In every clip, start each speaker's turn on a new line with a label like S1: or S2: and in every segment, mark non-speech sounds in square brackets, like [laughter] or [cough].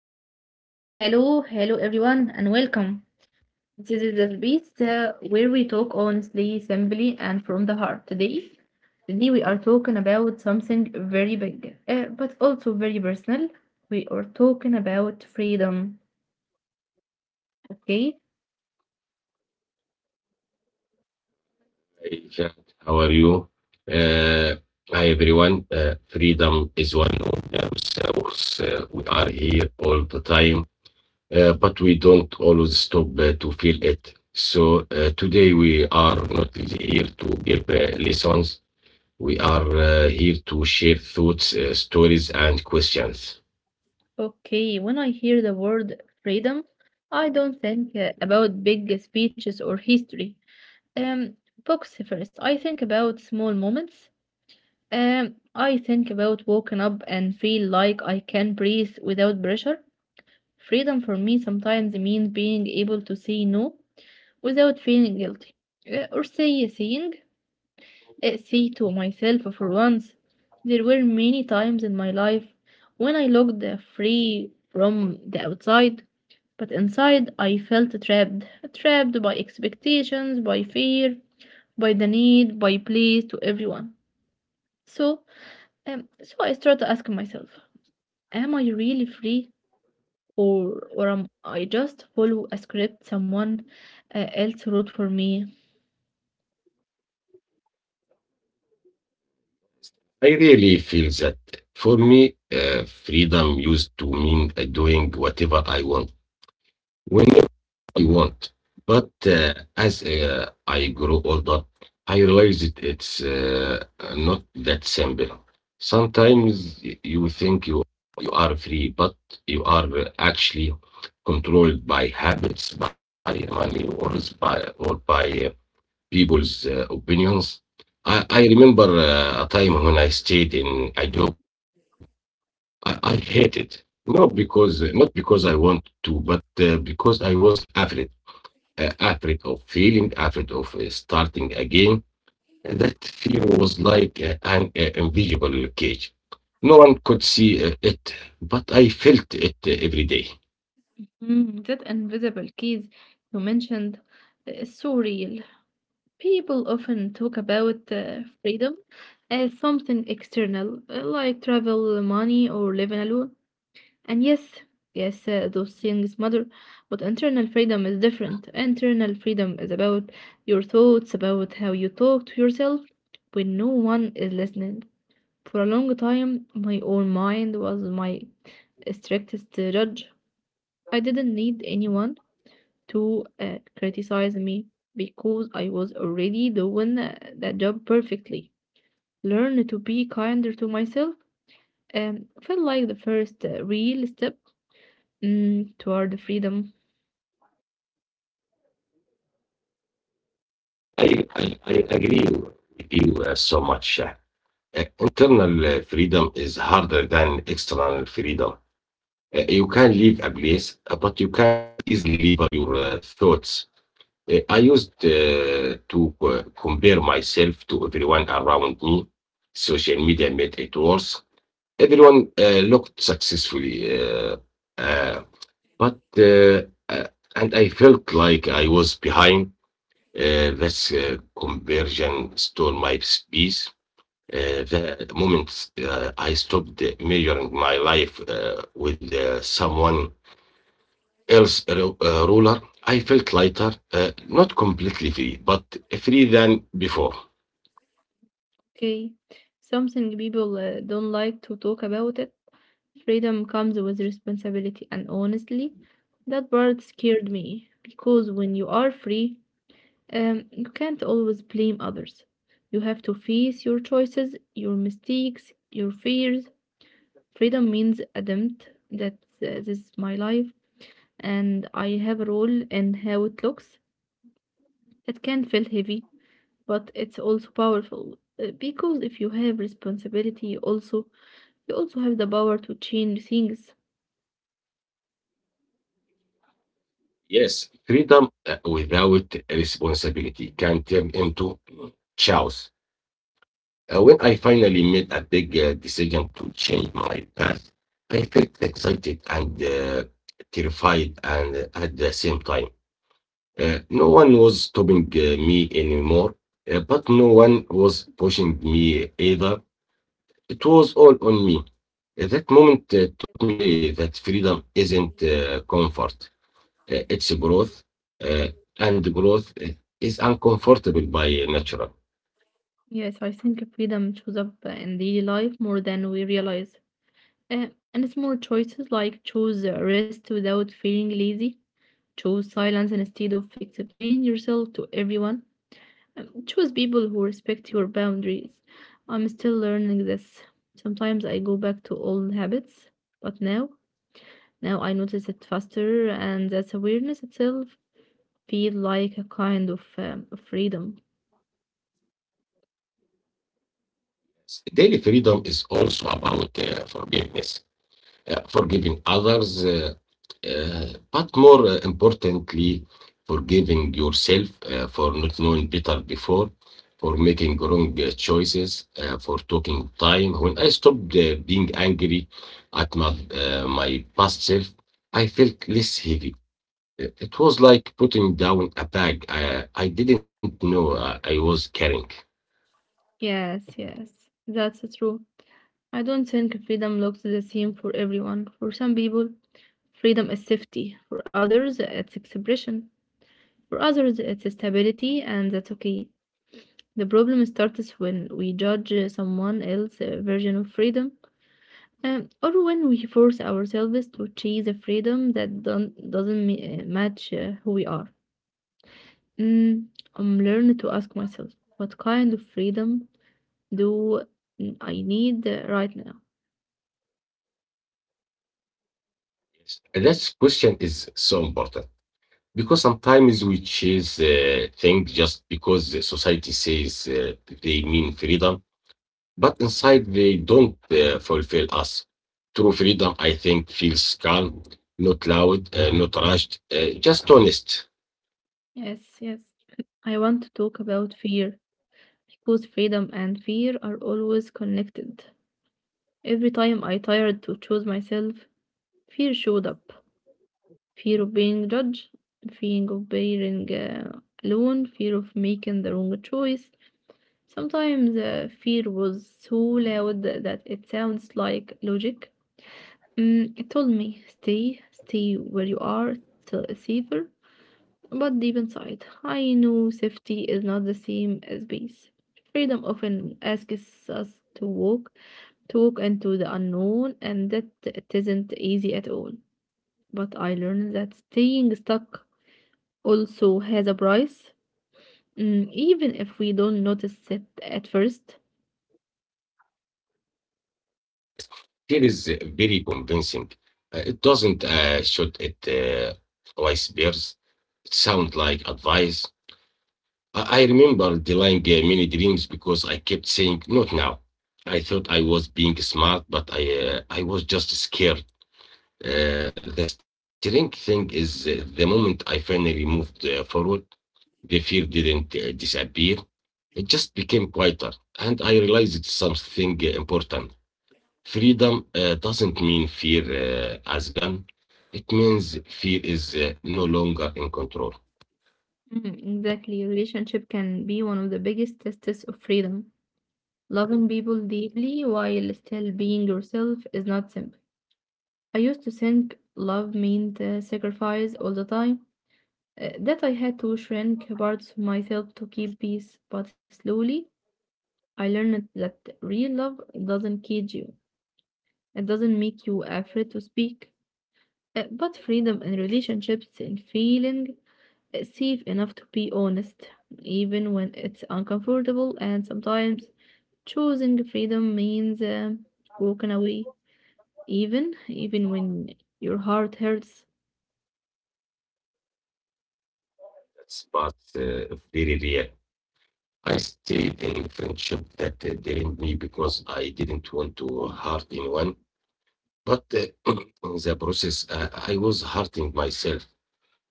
S1: Hello, hello everyone, and welcome. This is the space where we talk honestly, simply, and from the heart. Today we are talking about something very big, but also very personal. We are talking about freedom. Okay,
S2: Hey, Jack, how are you? Uh, Hi, everyone. Freedom is one of those, we are here all the time, but we don't always stop to feel it. So today we are not here to give lessons. We are here to share thoughts, stories, and questions.
S1: okay. When I hear the word freedom, I don't think about big speeches or history. Um, Books first. I think about small moments. I think about waking up and feel like I can breathe without pressure. Freedom for me sometimes means being able to say no without feeling guilty, or say to myself for once. There were many times in my life when I looked free from the outside, but inside I felt trapped, trapped by expectations, by fear, by the need, by please to everyone. So, so I started to ask myself. Am I really free or am I just follow a script someone else wrote for me?
S2: I really feel that for me, freedom used to mean doing whatever I want. But as I grow older, I realized it's not that simple. Sometimes you think you are free, but you are actually controlled by habits, by money, or by people's opinions. I remember a time when I stayed in a job I hated, not because I want to, but because I was afraid of failing, afraid of starting again. And that fear was like an invisible cage. No one could see it, but I felt it every day.
S1: Mm, that invisible keys you mentioned is so real. People often talk about freedom as something external, like travel, money, or living alone. And yes, those things matter, but internal freedom is different. Internal freedom is about your thoughts, about how you talk to yourself when no one is listening. For a long time, my own mind was my strictest judge. I didn't need anyone to criticize me because I was already doing that job perfectly. Learn to be kinder to myself felt like the first real step, mm, toward freedom.
S2: I agree with you so much. Internal freedom is harder than external freedom. You can leave a place, but you can't easily leave your thoughts. I used to compare myself to everyone around me. Social media made it worse. Everyone looked successfully, uh, but uh, and I felt like I was behind. This conversion stole my space. The moment I stopped measuring my life with someone Earth ruler, I felt lighter, not completely free, but free than before.
S1: Okay, something people don't like to talk about it. Freedom comes with responsibility, and honestly, that part scared me because when you are free, you can't always blame others. You have to face your choices, your mistakes, your fears. Freedom means adapt that this is my life and I have a role in how it looks. It can feel heavy, but it's also powerful because if you have responsibility, you also have the power to change things.
S2: Yes, freedom without responsibility can turn into chaos. When I finally made a big decision to change my path, I felt excited and terrified, and at the same time, no one was stopping me anymore, but no one was pushing me either. It was all on me. That moment taught me that freedom isn't comfort, it's growth, uh, and growth is uncomfortable by natural.
S1: Yes, I think freedom shows up in daily life more than we realize. Uh, and small choices like choose rest without feeling lazy. Choose silence instead of explaining yourself to everyone. Choose people who respect your boundaries. I'm still learning this. Sometimes I go back to old habits, but now I notice it faster, and that awareness itself feel like a kind of freedom.
S2: Daily freedom is also about forgiveness. Forgiving others, but more importantly, forgiving yourself for not knowing better before, for making wrong choices, for taking time. When I stopped being angry at my past self, I felt less heavy. It was like putting down a bag I didn't know I was carrying.
S1: Yes, yes, that's true. I don't think freedom looks the same for everyone. For some people, freedom is safety. For others, it's expression. For others, it's stability, and that's okay. The problem starts when we judge someone else's version of freedom, or when we force ourselves to chase a freedom that don't, doesn't match who we are. Mm, I'm learning to ask myself, what kind of freedom do I need right now?
S2: Yes. That question is so important. Because sometimes we chase things just because the society says they mean freedom, but inside they don't fulfill us. True freedom, I think, feels calm, not loud, not rushed, just honest.
S1: Yes, yes. I want to talk about fear because freedom and fear are always connected. Every time I tried to choose myself, fear showed up. Fear of being judged, fear of being alone, fear of making the wrong choice. Sometimes fear was so loud that it sounds like logic. Mm, it told me, stay where you are, till it's safer. But deep inside, I know safety is not the same as peace. Freedom often asks us to walk, to walk into the unknown, and that it isn't easy at all. But I learned that staying stuck also has a price, mm, even if we don't notice it at first.
S2: Here is very convincing. It doesn't shoot at vice bears. It sounds like advice. I remember delaying many dreams because I kept saying, not now. I thought I was being smart, but I was just scared. The strange thing is, the moment I finally moved forward, the fear didn't disappear. It just became quieter. And I realized it's something important. Freedom doesn't mean fear as gone. It means fear is no longer in control.
S1: Mm, exactly. Relationship can be one of the biggest tests of freedom. Loving people deeply while still being yourself is not simple. I used to think love meant sacrifice all the time, that I had to shrink parts of myself to keep peace, but slowly I learned that real love doesn't cage you, it doesn't make you afraid to speak. But freedom in relationships and feeling safe enough to be honest, even when it's uncomfortable, and sometimes choosing freedom means walking away, even when your heart hurts.
S2: That's but very real. I stayed in friendship that drained me because I didn't want to hurt anyone. But [clears throat] in the process, I was hurting myself.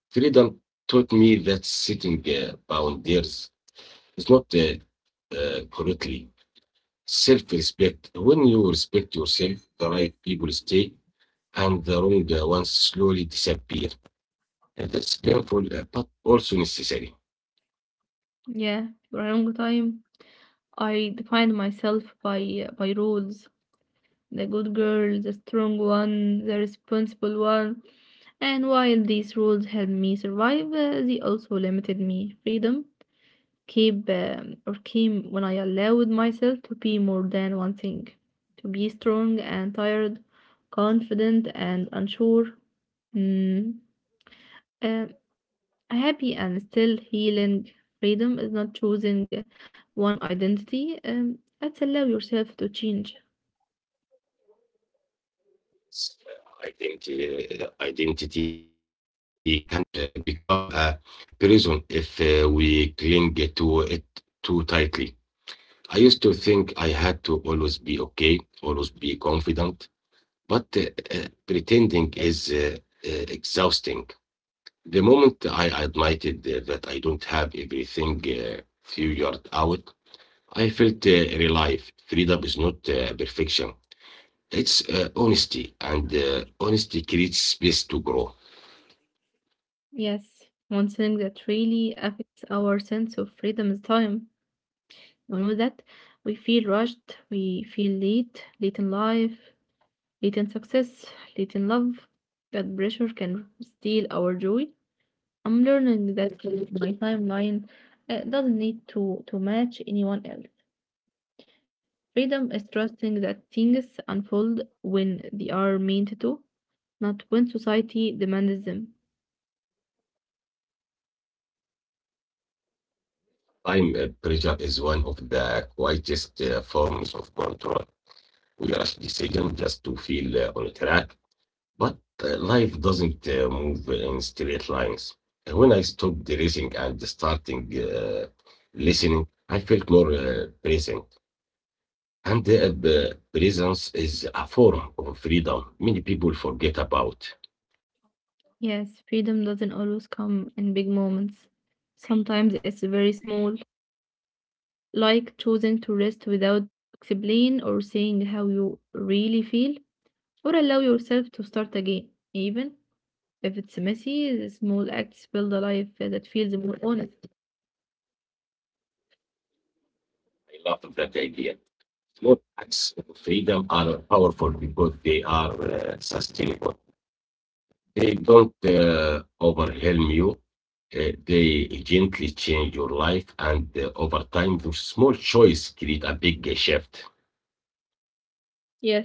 S2: Freedom taught me that setting boundaries is not correctly. Self respect. When you respect yourself, the right people stay and the wrong ones slowly disappear. And that's painful but also necessary.
S1: Yeah, for a long time, I defined myself by rules. The good girl, the strong one, the responsible one. And while these rules helped me survive, they also limited me freedom keep or came when I allowed myself to be more than one thing, to be strong and tired, confident and unsure, mm, uh, happy and still healing. Freedom is not choosing one identity. It's allow yourself to change.
S2: It's, uh, identity can't become a prison if we cling to it too tightly. I used to think I had to always be okay, always be confident, but pretending is exhausting. The moment I admitted that I don't have everything figured out, I felt real life. Freedom is not perfection, it's honesty, and honesty creates space to grow.
S1: Yes, one thing that really affects our sense of freedom is time. We know that we feel rushed, we feel late, late in life, late in success, late in love. That pressure can steal our joy. I'm learning that my timeline doesn't need to match anyone else. Freedom is trusting that things unfold when they are meant to, not when society demands them.
S2: Time pressure is one of the quietest forms of control. We rush decision just to feel on track, but life doesn't move in straight lines. And when I stopped racing and starting listening, I felt more present. And their presence is a form of freedom many people forget about.
S1: Yes, freedom doesn't always come in big moments. Sometimes it's very small, like choosing to rest without explaining or saying how you really feel, or allow yourself to start again, even if it's messy. The small acts build a life that feels more honest.
S2: I love that idea. Small acts of freedom are powerful because they are sustainable. They don't overwhelm you. They gently change your life and over time those small choice create a big shift.
S1: Yes.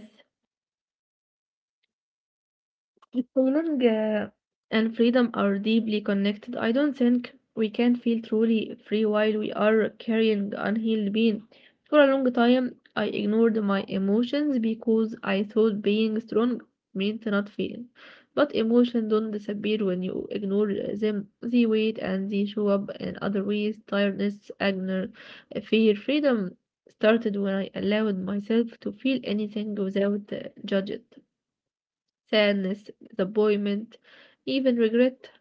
S1: Belonging and freedom are deeply connected. I don't think we can feel truly free while we are carrying unhealed pain. For a long time, I ignored my emotions because I thought being strong meant not feeling. But emotions don't disappear when you ignore them. They wait and they show up in other ways. Tiredness, anger, fear, freedom started when I allowed myself to feel anything without judge sadness, disappointment, even regret.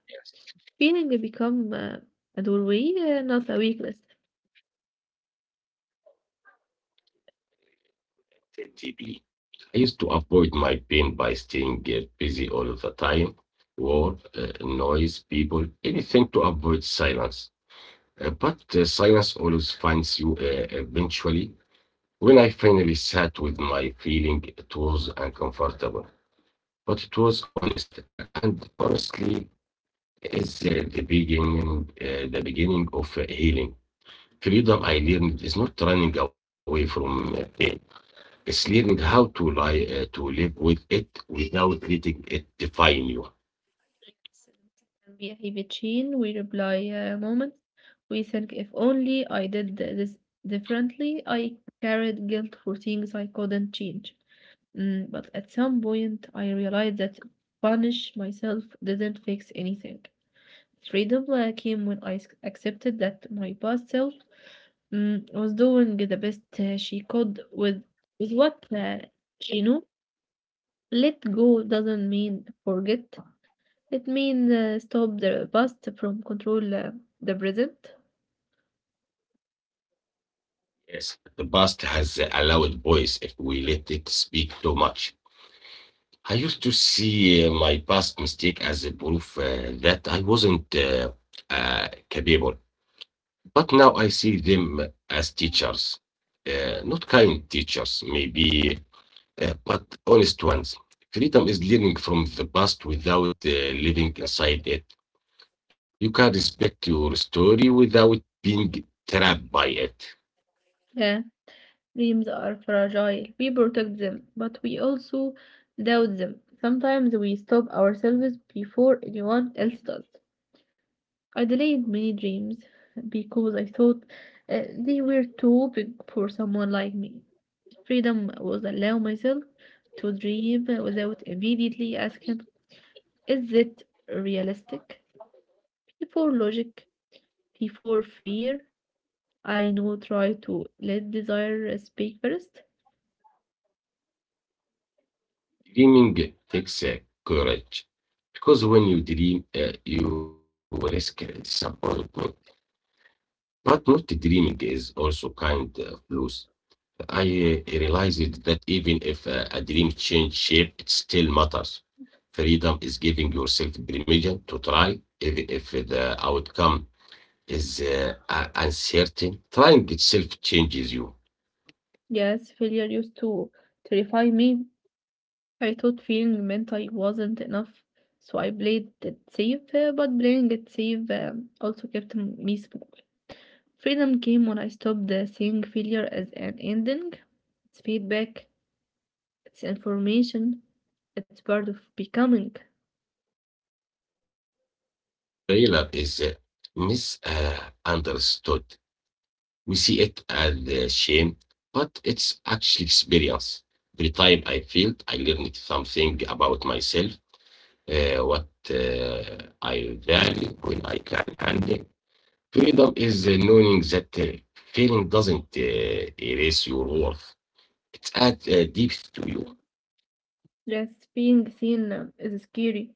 S1: Feeling become a doorway, not a weakness.
S2: Deeply. I used to avoid my pain by staying busy all of the time, work, noise, people, anything to avoid silence. But silence always finds you eventually. When I finally sat with my feeling, it was uncomfortable, but it was honest, and honestly, is the beginning of healing. Freedom I learned is not running away from pain; it's learning how to to live with it without letting it define you.
S1: Yes, it can be a heavy chain. We reply a moment. We think if only I did this differently, I carried guilt for things I couldn't change. Mm, but at some point, I realized that punish myself didn't fix anything. Freedom came when accepted that my past self, mm, was doing the best she could with what she knew. Let go doesn't mean forget. It means stop the past from control the present.
S2: Yes, the past has allowed boys if we let it speak too much. I used to see my past mistake as a proof that I wasn't capable, but now I see them as teachers, not kind teachers, maybe. But honest ones, freedom is learning from the past without living inside it. You can respect your story without being trapped by it.
S1: Yeah, dreams are fragile. We protect them, but we also doubt them. Sometimes we stop ourselves before anyone else does. I delayed many dreams because I thought they were too big for someone like me. Freedom was allow myself to dream without immediately asking, is it realistic? Before logic, before fear, I know try to let desire speak first.
S2: Dreaming takes courage because when you dream, you risk disappointment. But not dreaming is also kind of loose. I realized that even if a dream change shape, it still matters. Freedom is giving yourself permission to try, even if the outcome is uncertain. Trying itself changes you.
S1: Yes, failure used to terrify me. I thought feeling meant I wasn't enough, so I played it safe, but playing it safe also kept me small. Freedom came when I stopped seeing failure as an ending. It's feedback, it's information, it's part of becoming.
S2: Failure is misunderstood. We see it as shame, but it's actually experience. Every time I failed, I learned something about myself, what I value when I can handle. Freedom is knowing that failing doesn't erase your worth. It adds depth to you.
S1: Yes, being seen is scary.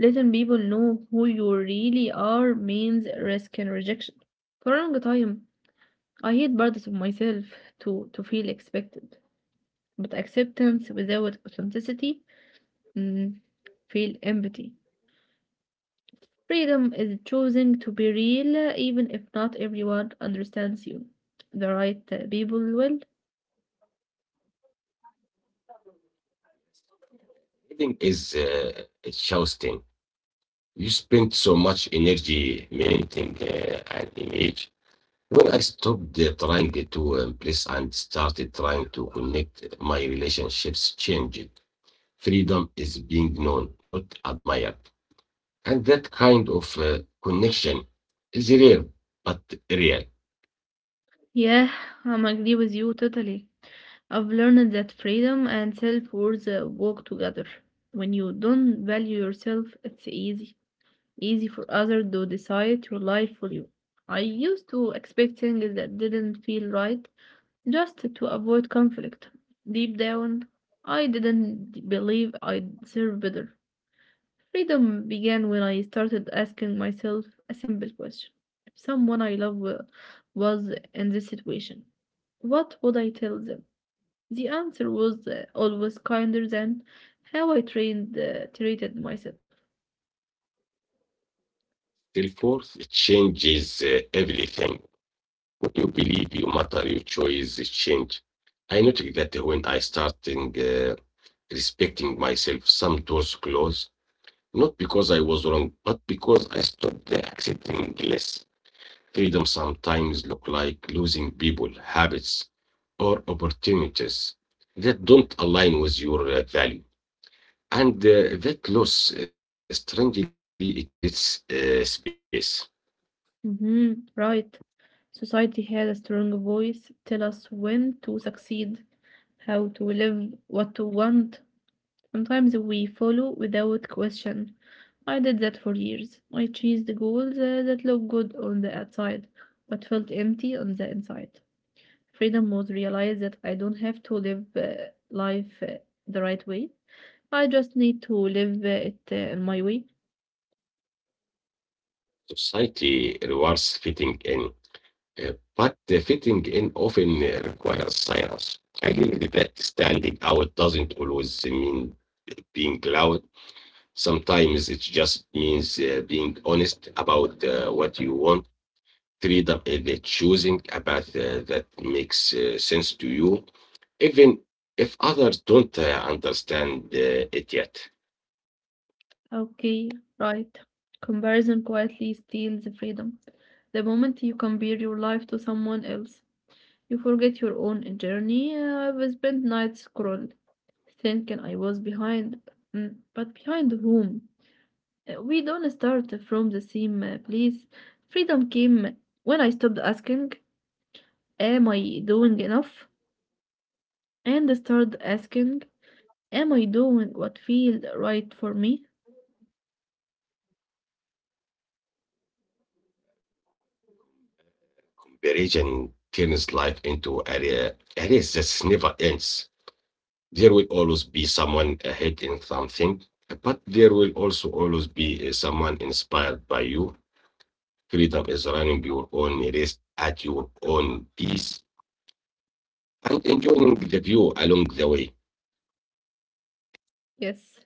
S1: Letting people know who you really are means risk and rejection. For a long time, I hid parts of myself to feel expected, but acceptance without authenticity, mm, feel empathy. Freedom is choosing to be real even if not everyone understands you. The right people will.
S2: Healing is exhausting. You spend so much energy maintaining an image. When I stopped trying to impress and started trying to connect, my relationships changed. Freedom is being known, not admired. And that kind of connection is rare, but real.
S1: Yeah, I'm agree with you totally. I've learned that freedom and self-worth work together. When you don't value yourself, it's easy. Easy for others to decide your life for you. I used to expect things that didn't feel right just to avoid conflict. Deep down, I didn't believe I deserved better. Freedom began when I started asking myself a simple question. If someone I love was in this situation, what would I tell them? The answer was always kinder than how I treated myself.
S2: Till fourth changes everything. What you believe you matter, your choice change. I noticed that when I starting respecting myself, some doors close, not because I was wrong, but because I stopped accepting less. Freedom sometimes look like losing people, habits, or opportunities that don't align with your value. And that loss, strangely, it creates space.
S1: Hmm, right. Society had a strong voice tell us when to succeed, how to live, what to want. Sometimes we follow without question. I did that for years. I chased the goals that looked good on the outside, but felt empty on the inside. Freedom was realized that I don't have to live life the right way. I just need to live it in my way.
S2: Society rewards fitting in, but the fitting in often requires silence. I learned that standing out doesn't always mean being loud. Sometimes it just means being honest about what you want. Freedom is the choosing a path that makes sense to you, even if others don't understand it yet.
S1: Okay, right. Comparison quietly steals the freedom. The moment you compare your life to someone else, you forget your own journey. I've spent nights scrolling, thinking I was behind, mm, but behind whom? We don't start from the same place. Freedom came when I stopped asking, am I doing enough? And started asking, am I doing what feels right for me?
S2: Religion turns life into a race that never ends. There will always be someone ahead in something, but there will also always be someone inspired by you. Freedom is running your own race at your own pace and enjoying the view along the way.
S1: Yes,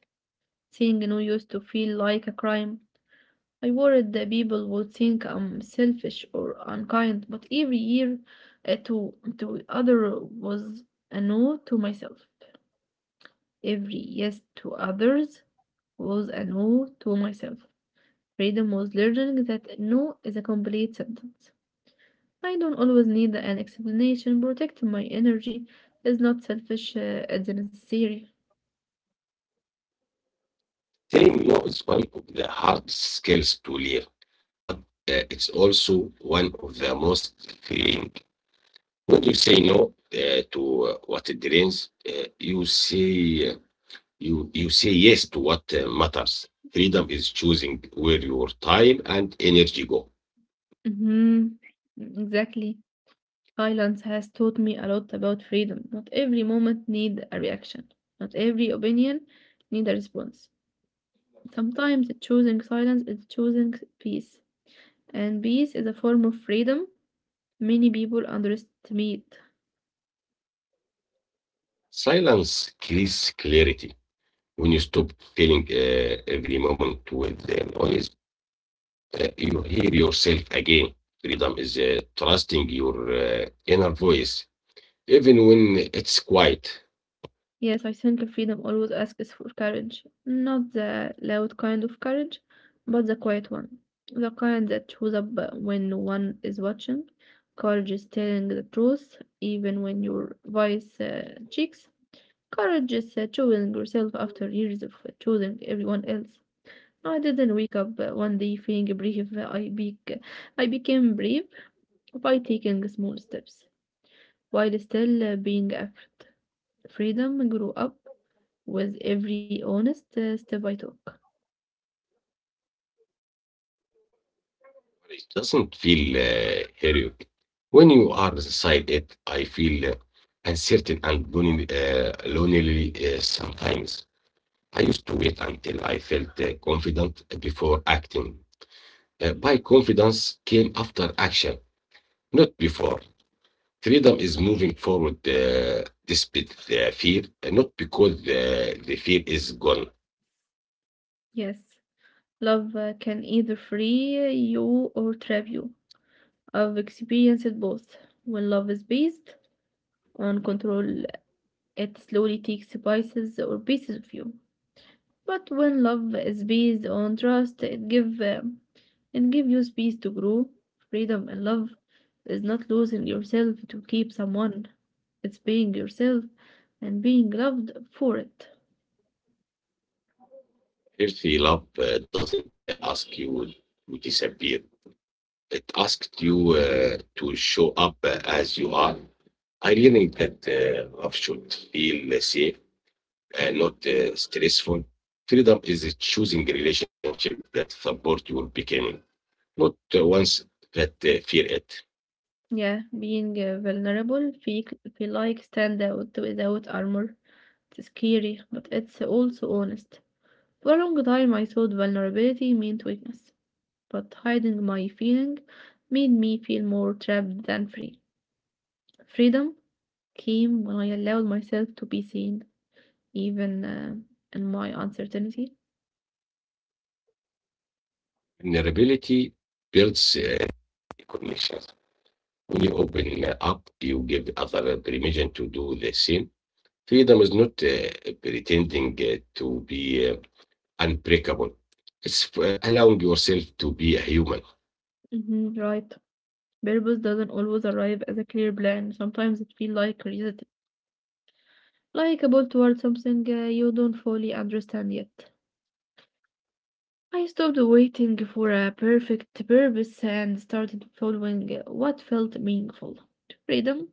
S1: saying no used to feel like a crime. I worried that people would think I'm selfish or unkind, but every year to other was a no to myself. Every yes to others was an oath to myself. Freedom was learning that no is a complete sentence. I don't always need an explanation. Protecting my energy is not selfish, it's necessary.
S2: Saying no is one of the hard skills to learn, but it's also one of the most freeing. When you say no to what it drains, you say yes to what matters. Freedom is choosing where your time and energy go.
S1: Hmm, exactly. Silence has taught me a lot about freedom. Not every moment need a reaction. Not every opinion need a response. Sometimes choosing silence is choosing peace. And peace is a form of freedom many people underestimate.
S2: Silence creates clarity. When you stop filling every moment with noise, you hear yourself again. Freedom is trusting your inner voice, even when it's quiet.
S1: Yes, I think freedom always asks for courage, not the loud kind of courage, but the quiet one. The kind that shows up when no one is watching. Courage is telling the truth, even when your voice cheeks. Courage is choosing yourself after years of choosing everyone else. I didn't wake up one day feeling brave. I became brave by taking small steps while still being afraid. Freedom grow up with every honest step I took.
S2: It doesn't feel heroic. When you are beside it, I feel uncertain and lonely sometimes. I used to wait until I felt confident before acting. By confidence came after action, not before. Freedom is moving forward despite the fear, not because the fear is gone.
S1: Yes, love can either free you or trap you. I've experienced both. When love is based on control, it slowly takes pieces of you. But when love is based on trust, it give you space to grow. Freedom and love is not losing yourself to keep someone. It's being yourself and being loved for it.
S2: Healthy love doesn't ask you to disappear. It asked you to show up as you are. I learned that love should feel safe and not stressful. Freedom is choosing a relationship that support your becoming, not ones that fear it.
S1: Yeah, being vulnerable feel like stand out without armor. It's scary, but it's also honest. For a long time, I thought vulnerability meant weakness, but hiding my feeling made me feel more trapped than free. Freedom came when I allowed myself to be seen, even in my uncertainty.
S2: Vulnerability builds connections. When you open up, you give other permission to do the same. Freedom is not pretending to be unbreakable. It's allowing yourself to be a human.
S1: Mhm, right. Purpose doesn't always arrive as a clear plan. Sometimes it feels like reset. Likeable towards something you don't fully understand yet. I stopped waiting for a perfect purpose and started following what felt meaningful. Freedom.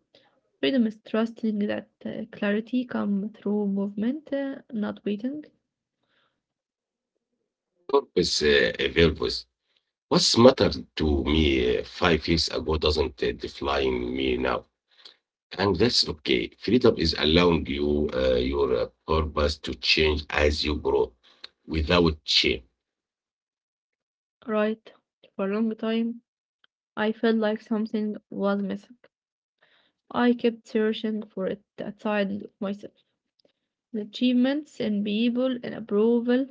S1: Freedom is trusting that clarity come through movement, not waiting.
S2: Purpose evolves. What's mattered to me 5 years ago doesn't define me now. And that's okay. Freedom is allowing your purpose to change as you grow without shame.
S1: Right. For a long time, I felt like something was missing. I kept searching for it outside of myself. The achievements and people and approval.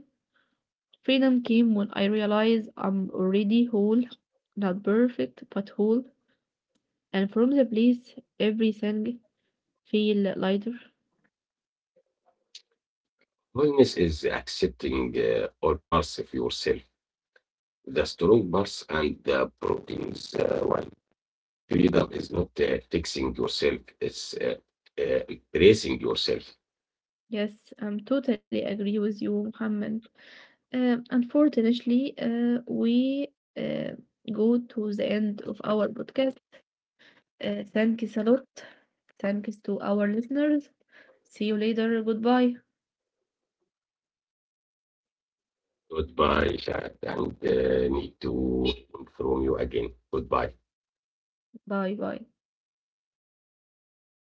S1: Freedom came when I realized I'm already whole, not perfect, but whole, and from the place everything feel lighter.
S2: Kindness is accepting all parts of yourself, the strong parts and the problems one. Freedom is not fixing yourself, it's embracing yourself.
S1: Yes, I'm totally agree with you, Muhammad. Unfortunately, we uh, go to the end of our podcast. Thanks a lot. Thanks to our listeners. See you later. Goodbye.
S2: Goodbye, Shad, and need to inform you again. Goodbye.
S1: Bye bye.